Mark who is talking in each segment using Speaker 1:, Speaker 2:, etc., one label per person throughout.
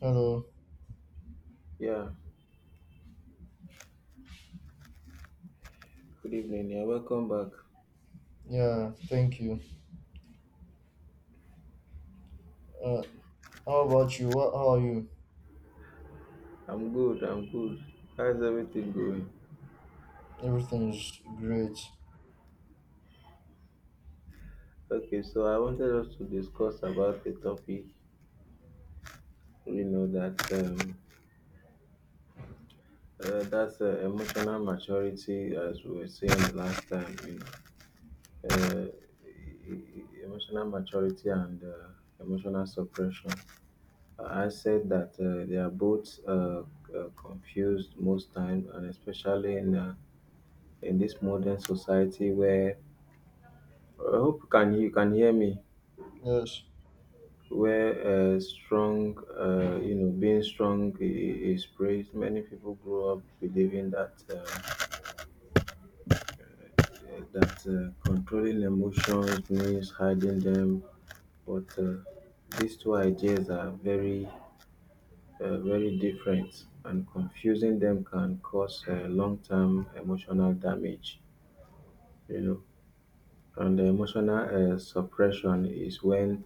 Speaker 1: Hello.
Speaker 2: Yeah, good evening. Yeah, welcome back.
Speaker 1: Yeah, thank you. Uh, how about you? How are you?
Speaker 2: I'm good. I'm good. How's everything going?
Speaker 1: Everything is great.
Speaker 2: Okay, so I wanted us to discuss about the topic. We know that that's emotional maturity, as we were saying last time. Uh, emotional maturity and emotional suppression. I said that they are both confused most times, and especially in this modern society where I hope you can hear me.
Speaker 1: Yes.
Speaker 2: Where strong, being strong is praised. Many people grow up believing that controlling emotions means hiding them, but these two ideas are very different, and confusing them can cause long-term emotional damage. You know, and the emotional suppression is when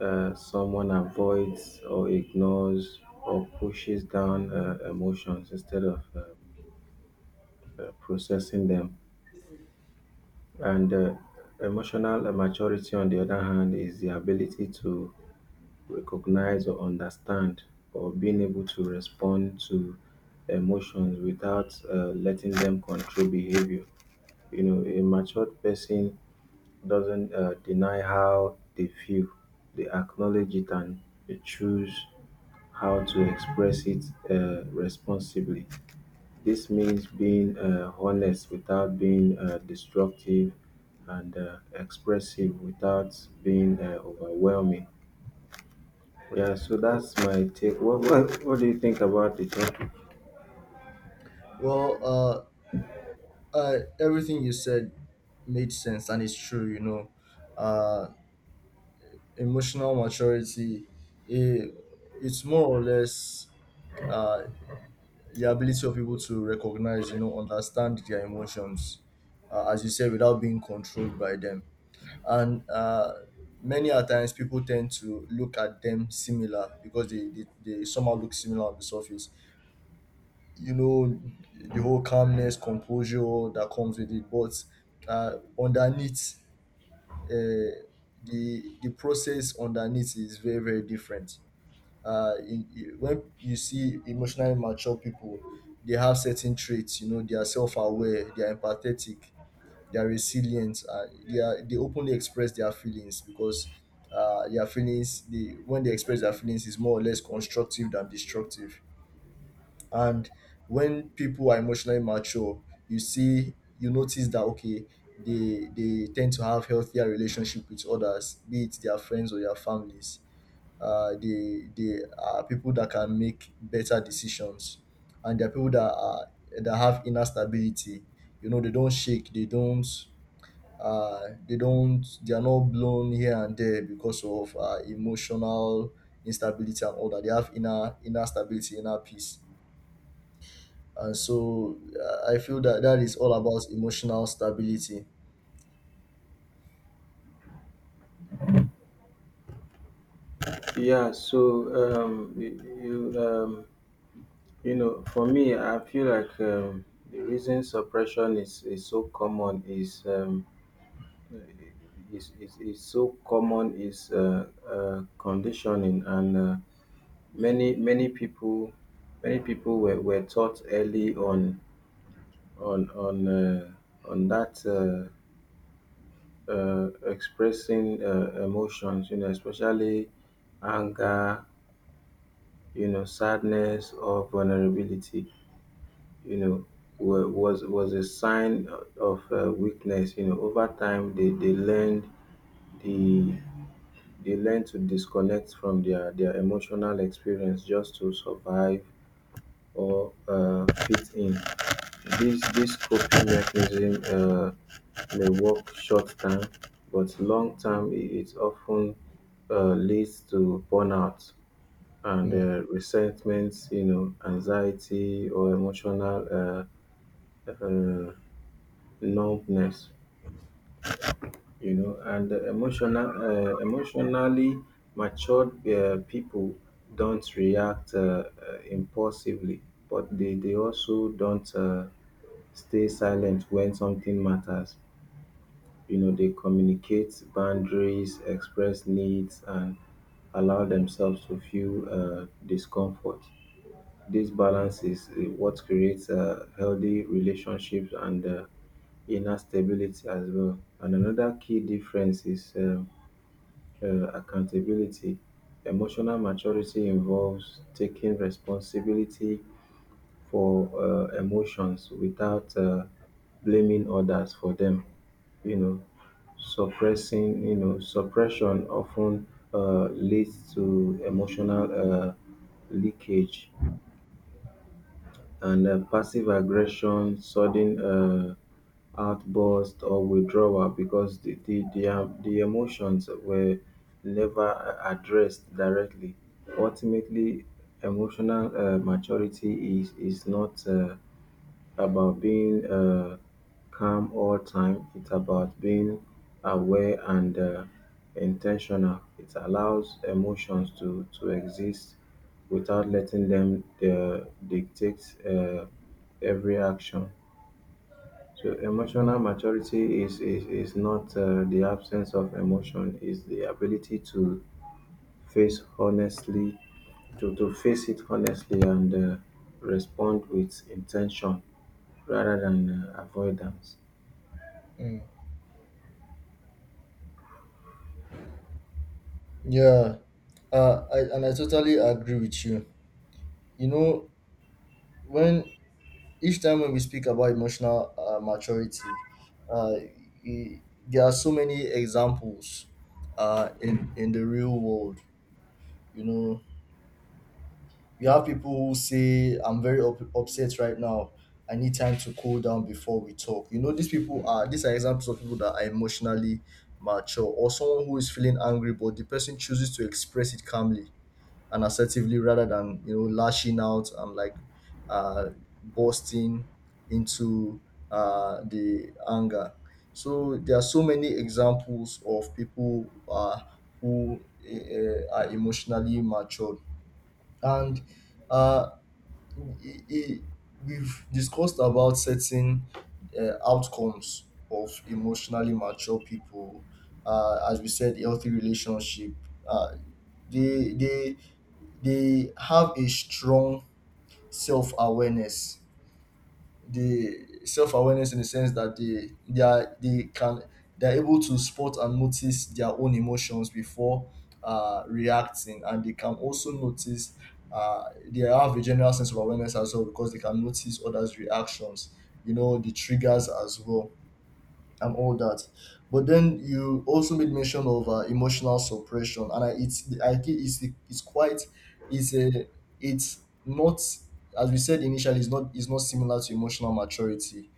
Speaker 2: someone avoids or ignores or pushes down emotions instead of processing them. And emotional maturity, on the other hand, is the ability to recognize or understand, or being able to respond to emotions without letting them control behavior. A matured person doesn't deny how they feel; they acknowledge it, and they choose how to express it responsibly. This means being honest without being destructive, and expressive without being overwhelming. Yeah, so that's my take. What do you think about the topic?
Speaker 1: Well, uh, everything you said made sense and it's true, Uh, Emotional maturity, it, it's more or less uh, the ability of people to recognize, you know, understand their emotions, as you said, without being controlled by them. And many a times people tend to look at them similar because they somehow look similar on the surface, you know, the whole calmness, composure that comes with it. But uh, underneath uh, the the process underneath is very, very different. When you see emotionally mature people, they have certain traits. You know, they are self-aware, they are empathetic, they are resilient. They openly express their feelings because their feelings they when they express their feelings, is more or less constructive than destructive. And when people are emotionally mature, you notice that, okay, they tend to have healthier relationship with others, be it their friends or their families. They are people that can make better decisions, and they are people that are that have inner stability. You know, they don't shake they don't uh, they don't they are not blown here and there because of emotional instability and all that. They have inner stability, inner peace. And so I feel that that is all about emotional stability.
Speaker 2: Yeah, so um, y- you um, for me, I feel like the reason suppression is uh, so common is conditioning, and many many people many people were taught early on on on uh, on that expressing emotions, especially anger, sadness or vulnerability, you know was a sign of weakness. Over time, they learned the They learn to disconnect from their emotional experience just to survive or fit in. This coping mechanism may work short term, but long term it of ten leads to burnout and resentment, anxiety, or emotional um numbness. And emotionally matured people don't react impulsively, but they also don't stay silent when something matters. They communicate boundaries, express needs, and allow themselves to feel discomfort. This balance is what creates healthy relationships and inner stability as well. And another key difference is accountability. Emotional maturity involves taking responsibility for emotions without blaming others for them. You know suppressing you know suppression often leads to emotional um leakage and passive aggression, sudden outburst or withdrawal, because the emotions were never addressed directly. Ultimately, emotional maturity is not about being calm all time. It's about being aware and intentional. It allows emotions to exist without letting them dictate every action. So emotional maturity is not the absence of emotion; is the ability to face honestly, to face it honestly and respond with intention rather than avoidance.
Speaker 1: Mm. Yeah, and I totally agree with you, you know. When each time when we speak about emotional maturity, uh, e- there are so many examples in the real world. You know, you have people who say, "I'm very upset right now. I need time to cool down before we talk." You know, these are examples of people that are emotionally mature. Or someone who is feeling angry, but the person chooses to express it calmly and assertively rather than, you know, lashing out and like uh bursting into the anger. So there are so many examples of people who are emotionally matured. And uh i- i- we've discussed about certain outcomes of emotionally mature people. As we said, healthy relationship. Uh, they they they have a strong self-awareness, the self-awareness in the sense that they can, they're able to spot and notice their own emotions before reacting, and they can also notice uh, they have a general sense of awareness as well because they can notice others reactions, you know, the triggers as well and all that. But then you also made mention of emotional suppression, and I think it's quite it's a it's not as we said initially, it's not similar to emotional maturity,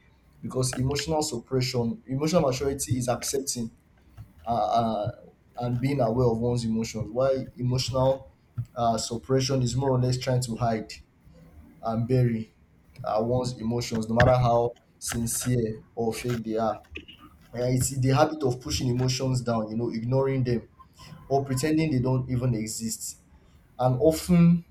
Speaker 1: because emotional maturity is accepting uh, uh, and being aware of one's emotions, while emotional suppression is more or less trying to hide and bury one's emotions, no matter how sincere or fake they are. It's the habit of pushing emotions down, you know, ignoring them or pretending they don't even exist. And often,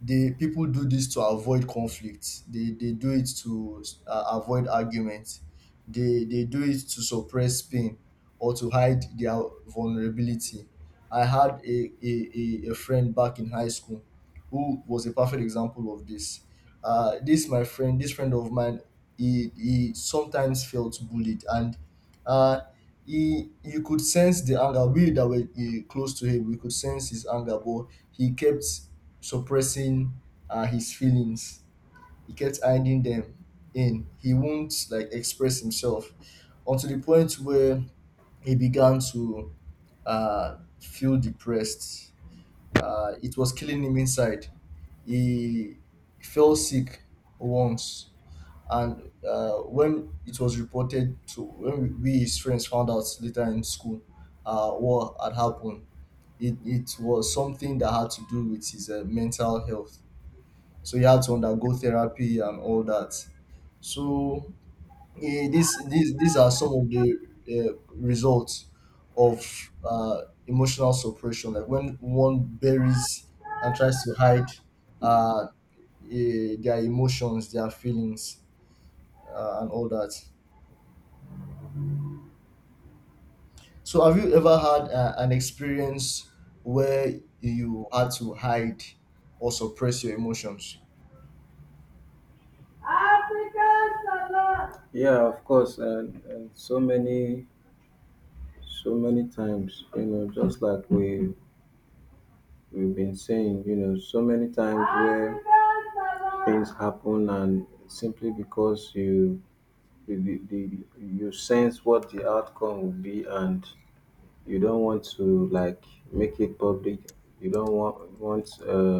Speaker 1: the people do this to avoid conflict. They do it to avoid argument. They do it to suppress pain or to hide their vulnerability. I had a friend back in high school who was a perfect example of this. This friend of mine, he sometimes felt bullied, and uh, he, you could sense the anger. We that were close to him, we could sense his anger, but he kept suppressing his feelings. He kept hiding them. In He won't like express himself, until the point where he began to feel depressed. It was killing him inside. He fell sick once. And when it was reported to when we his friends, found out later in school what had happened, it was something that had to do with his mental health. So he had to undergo therapy and all that. So eh, this these are some of the results of emotional suppression, like when one buries and tries to hide uh, their emotions, their feelings and all that. So, have you ever had an experience where you had to hide or suppress your emotions?
Speaker 2: Yeah, of course, and so many times, you know, just like we've been saying, you know, so many times where things happen, and simply because you sense what the outcome will be, and you don't want to, like, make it public. You don't want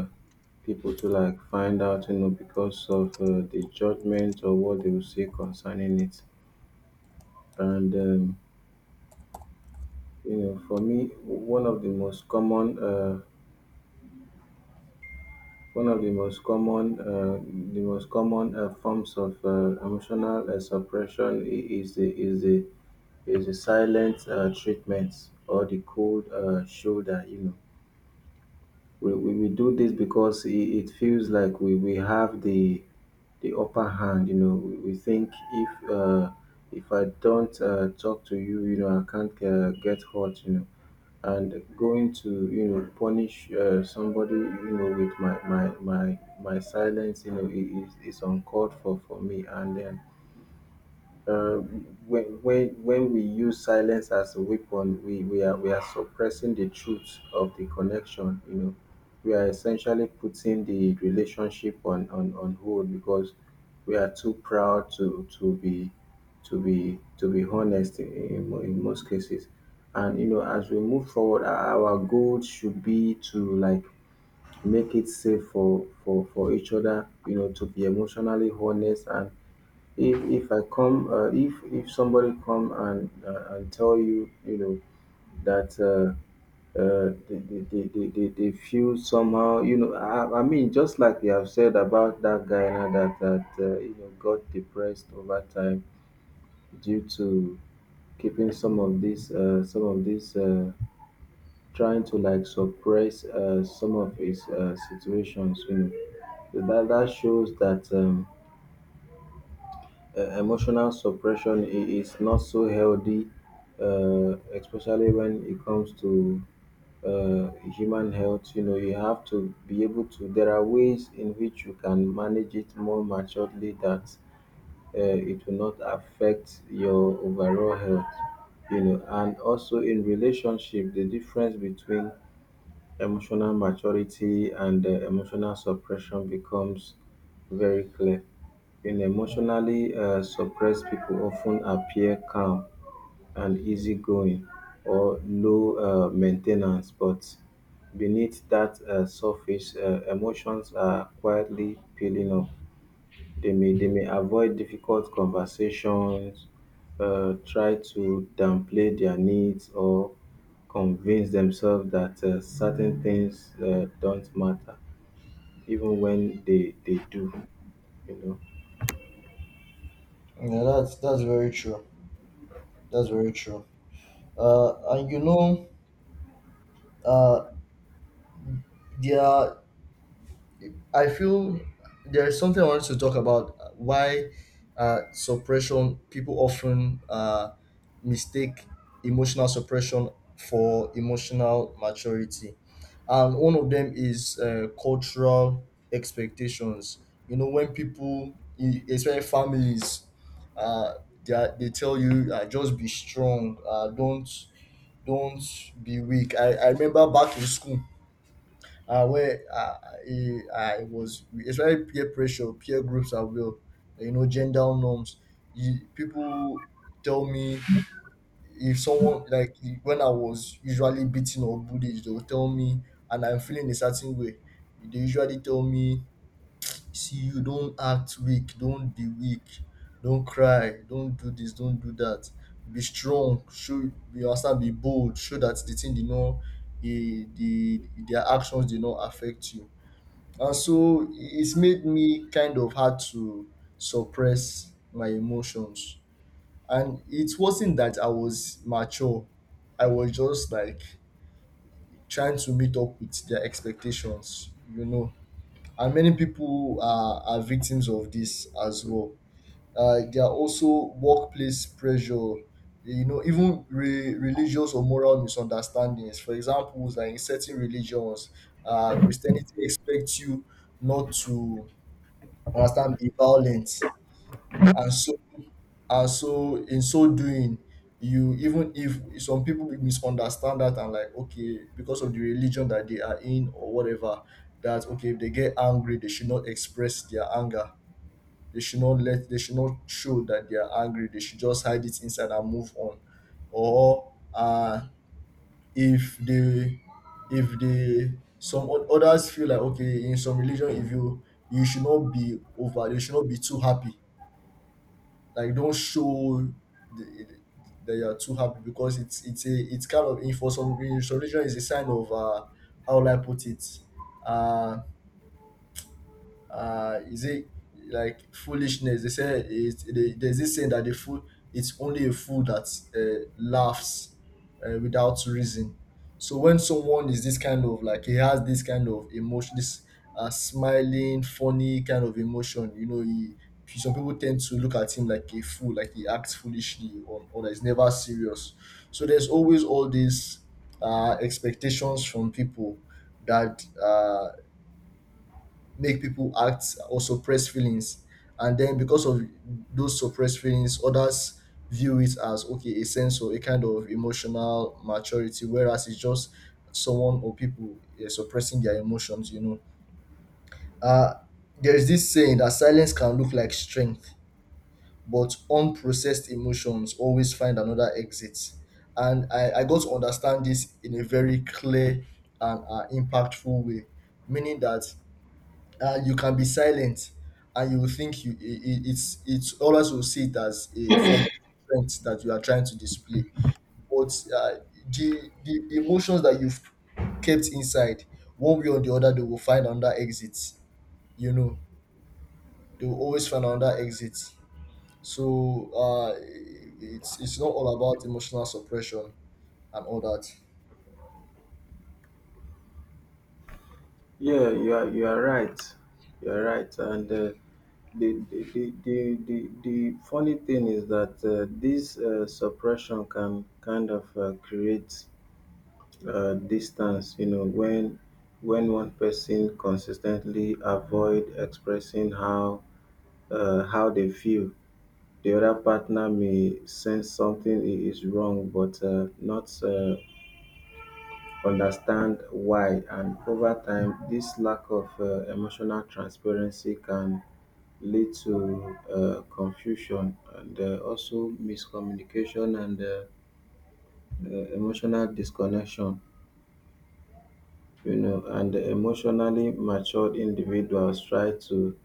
Speaker 2: people to, like, find out, because of the judgment or what they will say concerning it. And for me, one of the most common forms of emotional suppression is the silent treatment, or the cold shoulder. You know, we do this because it feels like we have the upper hand. You know, we think, if I don't talk to you, you know, I can't get hurt. You know, and going to, you know, punish somebody, with my silence. You know, is uncalled for me. And then uh, when we use silence as a weapon, we are suppressing the truth of the connection. You know, we are essentially putting the relationship on hold, because we are too proud to be honest in most cases. And you know, as we move forward, our goal should be to, like, make it safe for each other. You know, to be emotionally honest. And if somebody come, and tell you, you know that they feel somehow, you know. I mean, just like you have said about that guy now, that that you know got depressed over time, due to keeping some of these trying to, like, suppress some of his situations, that shows that emotional suppression is not so healthy, especially when it comes to uh, human health. You know, you have to be able to. There are ways in which you can manage it more maturely, that it will not affect your overall health. You know, and also in relationship, the difference between emotional maturity and emotional suppression becomes very clear. In emotionally suppressed people often appear calm and easygoing, or low maintenance, but beneath that surface, emotions are quietly peeling up. They may avoid difficult conversations, try to downplay their needs, or convince themselves that certain things don't matter, even when they do. You know.
Speaker 1: Yeah, that's very true. That's very true. And you know, uh, there I feel there's something I wanted to talk about, why suppression people often mistake emotional suppression for emotional maturity, and one of them is cultural expectations. You know, when people, especially families, uh, they tell you, "Just be strong, don't don't be weak." I remember back in school where I, I was, especially, peer pressure, peer groups are real. You know, gender norms. People tell me, if someone like when I was usually beaten or bullied, they will tell me, and I'm feeling a certain way, they usually tell me, "See, you don't act weak. Don't be weak. Don't cry. Don't do this. Don't do that. Be strong. Show you understand. Be bold. Show that their actions did not affect you." And so it's made me kind of had to suppress my emotions. And it wasn't that I was mature. I was just like trying to meet up with their expectations, you know. And many people are victims of this as well. There are also workplace pressure, you know, even religious or moral misunderstandings. For example, like in certain religions, Christianity expects you not to be violent. And so and so in so doing, you even if some people will misunderstand that and like, okay, because of the religion that they are in or whatever, that, okay, if they get angry, they should not express their anger. They should not show that they are angry. They should just hide it inside and move on. Or if they, some others feel like, okay, in some religion, if you you should not be over, you should not be too happy, like, don't show the, that you are too happy, because it's a, it's kind of, in for some, in some religion, is a sign of how will I put it, uh is it like foolishness, they say it. There's this saying that the fool, it's only a fool that laughs without reason. So when someone is this kind of, like, he has this kind of emotion, this smiling, funny kind of emotion, you know, he some people tend to look at him like a fool, like he acts foolishly, or that he's never serious. So there's always all these expectations from people, that make people act or suppress feelings. And then because of those suppressed feelings, others view it as, okay, a sense of a kind of emotional maturity, whereas it's just someone or people suppressing their emotions, you know. uh there's this saying that silence can look like strength, but unprocessed emotions always find another exit. And I got to understand this in a very clear and impactful way, meaning that you can be silent, and you will think you it I- it's others will see it as a form of strength that you are trying to display. But the emotions that you've kept inside, one way or the other, they will find another exit, you know. They will always find another exit. So it's not all about emotional suppression and all that.
Speaker 2: Yeah, you are right. You are right. And the funny thing is that this suppression can kind of create distance. When one person consistently avoid expressing how they feel, the other partner may sense something is wrong, but not understand why. And over time, this lack of emotional transparency can lead to confusion, and also miscommunication, and emotional disconnection. And emotionally matured individuals try to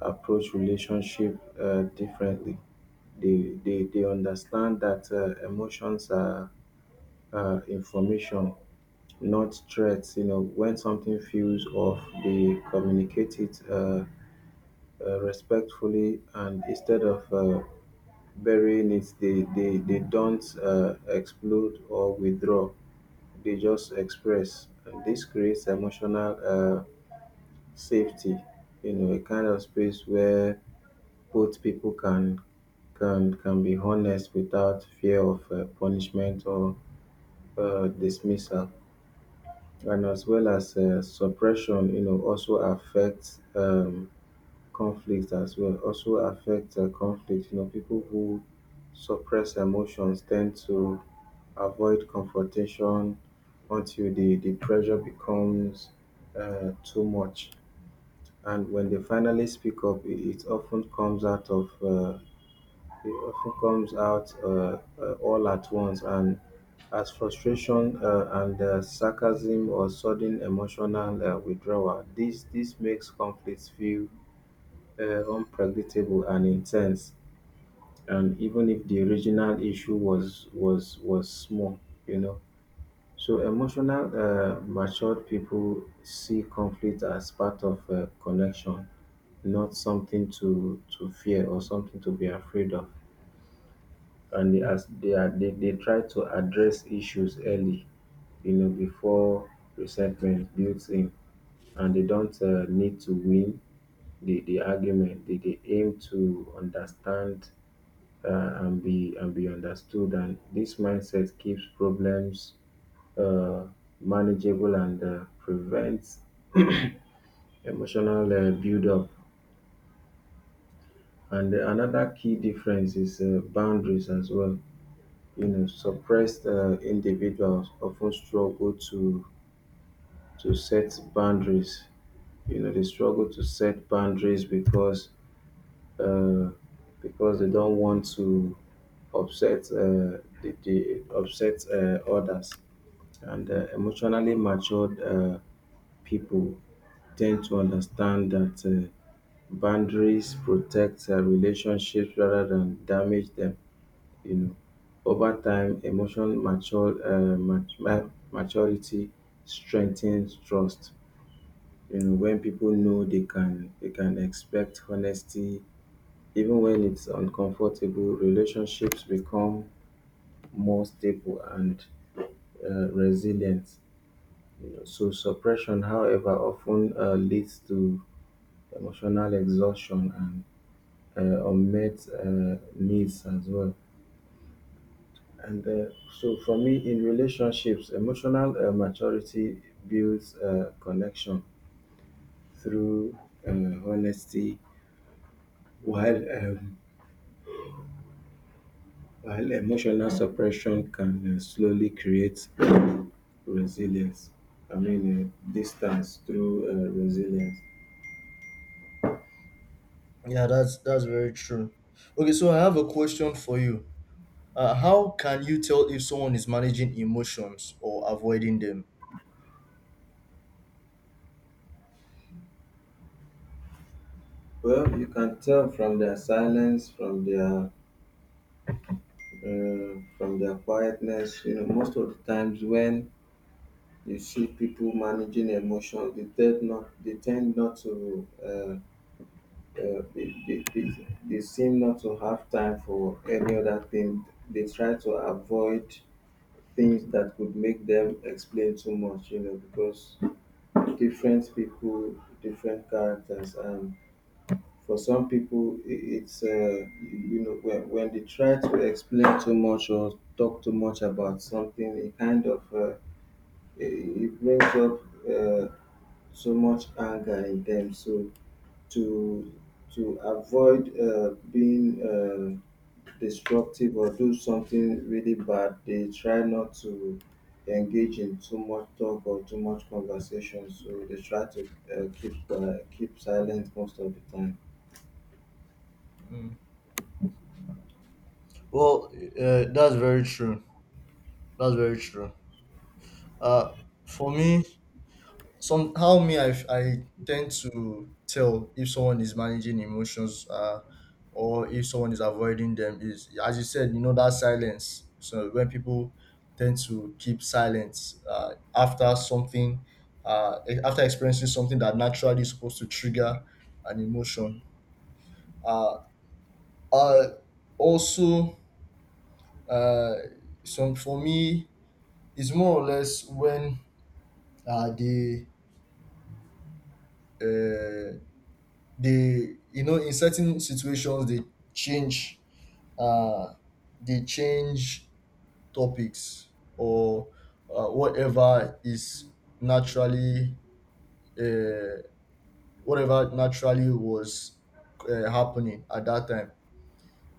Speaker 2: approach relationship differently. They understand that emotions are information, not threats. When something feels off, they communicate it respectfully, and instead of burying it, they don't explode or withdraw; they just express. And this creates emotional safety, a kind of space where both people can be honest without fear of punishment or dismissal. And, as well as suppression, also affects conflict as well. Also affects conflict. You know, people who suppress emotions tend to avoid confrontation until the pressure becomes too much. And when they finally speak up, it often comes out all at once, and as frustration and sarcasm, or sudden emotional withdrawal. This makes conflicts feel unpredictable and intense. And even if the original issue was small, you know. So emotional, matured people see conflict as part of connection, not something to fear or something to be afraid of. And they, as they are, they try to address issues early, you know, before resentment builds in, and they don't need to win the argument. They aim to understand and be understood. And this mindset keeps problems uh, manageable and prevents emotional buildup. And another key difference is boundaries as well. You know, suppressed individuals often struggle to set boundaries. You know, they struggle to set boundaries uh, because they don't want to upset the upset others. And emotionally matured people tend to understand that. Boundaries protect relationships rather than damage them. You know, over time, emotional maturity strengthens trust. You know, when people know they can expect honesty, even when it's uncomfortable, relationships become more stable and resilient. You know, so suppression, however, often leads to emotional exhaustion and unmet needs as well. And so, for me, in relationships, emotional maturity builds connection through uh, honesty, while um, while emotional suppression can slowly create resilience. I mean, distance through resilience.
Speaker 1: Yeah, that's very true. Okay, so I have a question for you. How can you tell if someone is managing emotions or avoiding them?
Speaker 2: Well, you can tell from their silence, from their quietness. You know, most of the times when you see people managing emotions they tend not to they seem not to have time for any other thing. They try to avoid things that could make them explain too much, you know, because different people, different characters. And for some people, it's you know when they try to explain too much or talk too much about something, it kind of it, it brings up uh, so much anger in them. So to avoid being destructive or do something really bad, they try not to engage in too much talk or too much conversation. So they try to keep quiet, keep silent most of the time.
Speaker 1: Well, that's very true. That's very true. Uh, for me, some how me I tend to tell if someone is managing emotions or if someone is avoiding them is, as you said, you know, that silence. So when people tend to keep silence after something, after experiencing something that naturally is supposed to trigger an emotion. Uh, Uh, Also, uh, some, for me, is more or less when uh, they uh, they, you know, in certain situations, change uh, they change topics, or whatever is naturally uh, whatever naturally was happening at that time.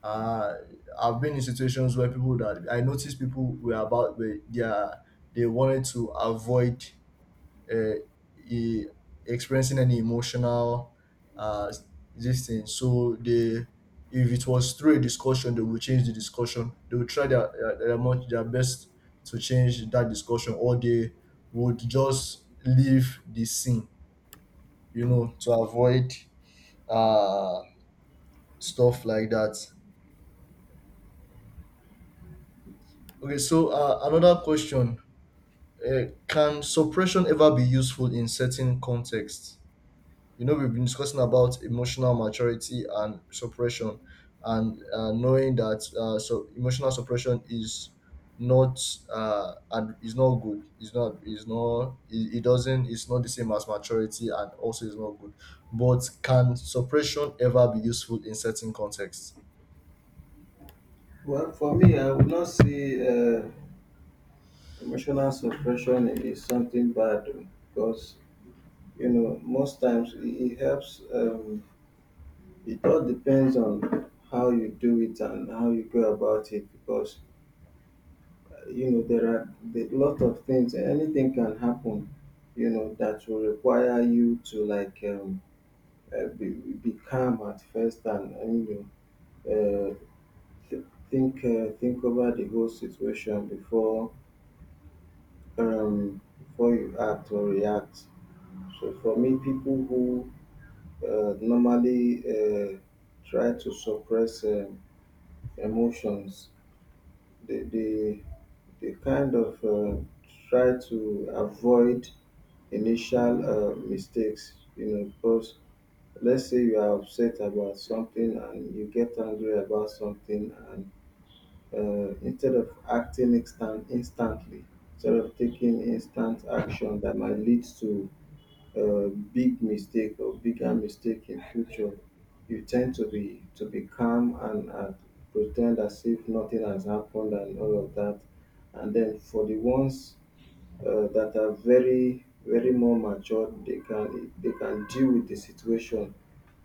Speaker 1: uh I've been in situations where people that I noticed people were about they are, they wanted to avoid uh, e- experiencing any emotional uh this thing. So they if it was through a discussion, they would change the discussion. They would try their much, their best to change that discussion, or they would just leave the scene, you know, to avoid uh stuff like that. Okay, so another question. Can suppression ever be useful in certain contexts? You know, we've been discussing about emotional maturity and suppression, and knowing that so emotional suppression is not, and is not good. It's not. It's not. It doesn't. It's not the same as maturity, and also is not good. But can suppression ever be useful in certain contexts?
Speaker 2: Well, for me, I would not say emotional suppression is something bad, because, you know, most times it helps. It all depends on how you do it and how you go about it, because you know, there are a lot of things, anything can happen, you know, that will require you to like be calm at first, and you know th- think over the whole situation before before you act or react. So for me, people who normally try to suppress emotions, they they kind of try to avoid initial mistakes, you know, because let's say you are upset about something and you get angry about something, and instead of instantly, instead of taking instant action that might lead to a big mistake or bigger mistake in future, you tend to be calm, and pretend as if nothing has happened and all of that. And then for the ones that are very very more matured, they can deal with the situation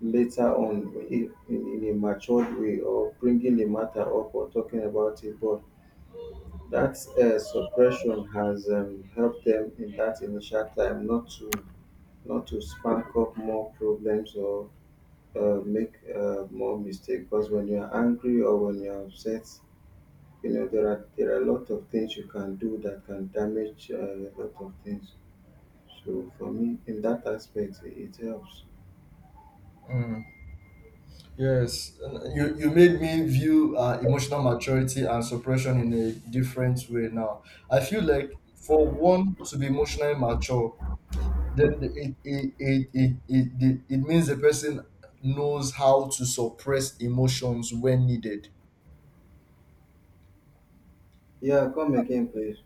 Speaker 2: later on, in a matured way, or bringing the matter up or talking about it. But that suppression has helped them in that initial time not to spark up more problems or make more mistakes, because when you're angry or when you're upset, you know, there are a lot of things you can do that can damage a lot of things. So for me, in that aspect, it helps.
Speaker 1: Mm. Yes, and you made me view emotional maturity and suppression in a different way now. I feel like, for one to be emotionally mature, then it means the person knows how to suppress emotions when needed.
Speaker 2: Yeah, come again please.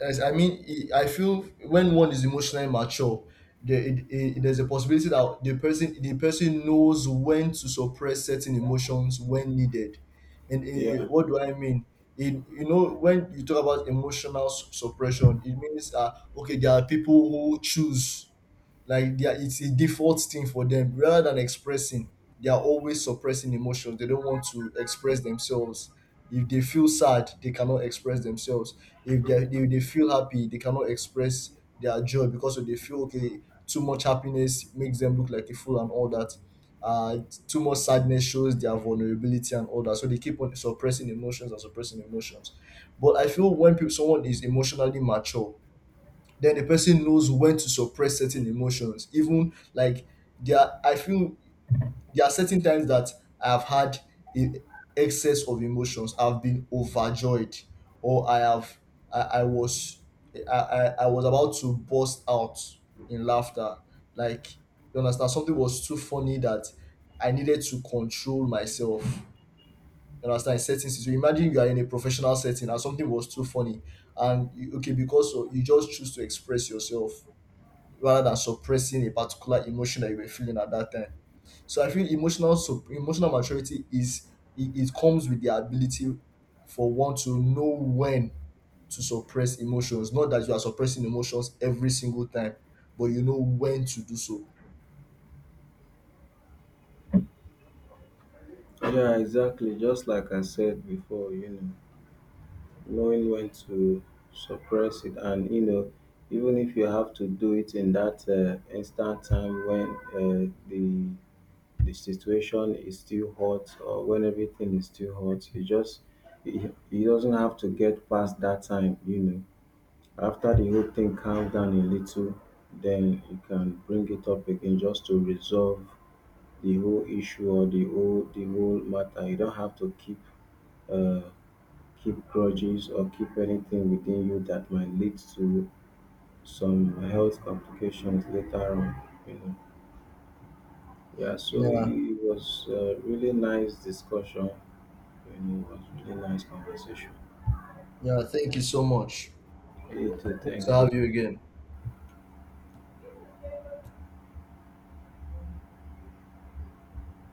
Speaker 1: As I mean, I feel when one is emotionally mature, there's a possibility that the person knows when to suppress certain emotions when needed. And
Speaker 2: Yeah.
Speaker 1: what do I mean? In You know, when you talk about suppression, it means, okay, there are people who choose, like, it's a default thing for them. Rather than expressing, they are always suppressing emotions. They don't want to express themselves. If they feel sad, they cannot express themselves. If they feel happy, they cannot express their joy, because they feel, okay, too much happiness makes them look like a fool and all that. uh Too much sadness shows their vulnerability and all that. So they keep on suppressing emotions and suppressing emotions. But I feel when someone is emotionally mature, then the person knows when to suppress certain emotions. Even like, I feel there are certain times that I've had a excess of emotions. I've been overjoyed, or I have, I, I was, I was about to burst out in laughter. Like, you understand, something was too funny that I needed to control myself. You understand? In certain situations, imagine you are in a professional setting and something was too funny, and okay, because of, you just choose to express yourself rather than suppressing a particular emotion that you were feeling at that time. So I feel emotional maturity is, it comes with the ability for one to know when to suppress emotions. Not that you are suppressing emotions every single time, but you know when to do so.
Speaker 2: Yeah, exactly. Just like I said before, you know, knowing when to suppress it, and you know, even if you have to do it in that instant time when the situation is still hot or when everything is still hot, you just it doesn't have to get past that time, you know. After the whole thing calms down a little, then you can bring it up again just to resolve the whole issue or the whole matter. You don't have to keep uh, keep grudges or keep anything within you that might lead to some health complications later on, you know. Yeah, so it
Speaker 1: Yeah,
Speaker 2: it was a really nice discussion, you know, it was really nice conversation.
Speaker 1: yeah. Thank you so much.
Speaker 2: You too,
Speaker 1: Hope
Speaker 2: thanks
Speaker 1: to
Speaker 2: bro.
Speaker 1: have you again.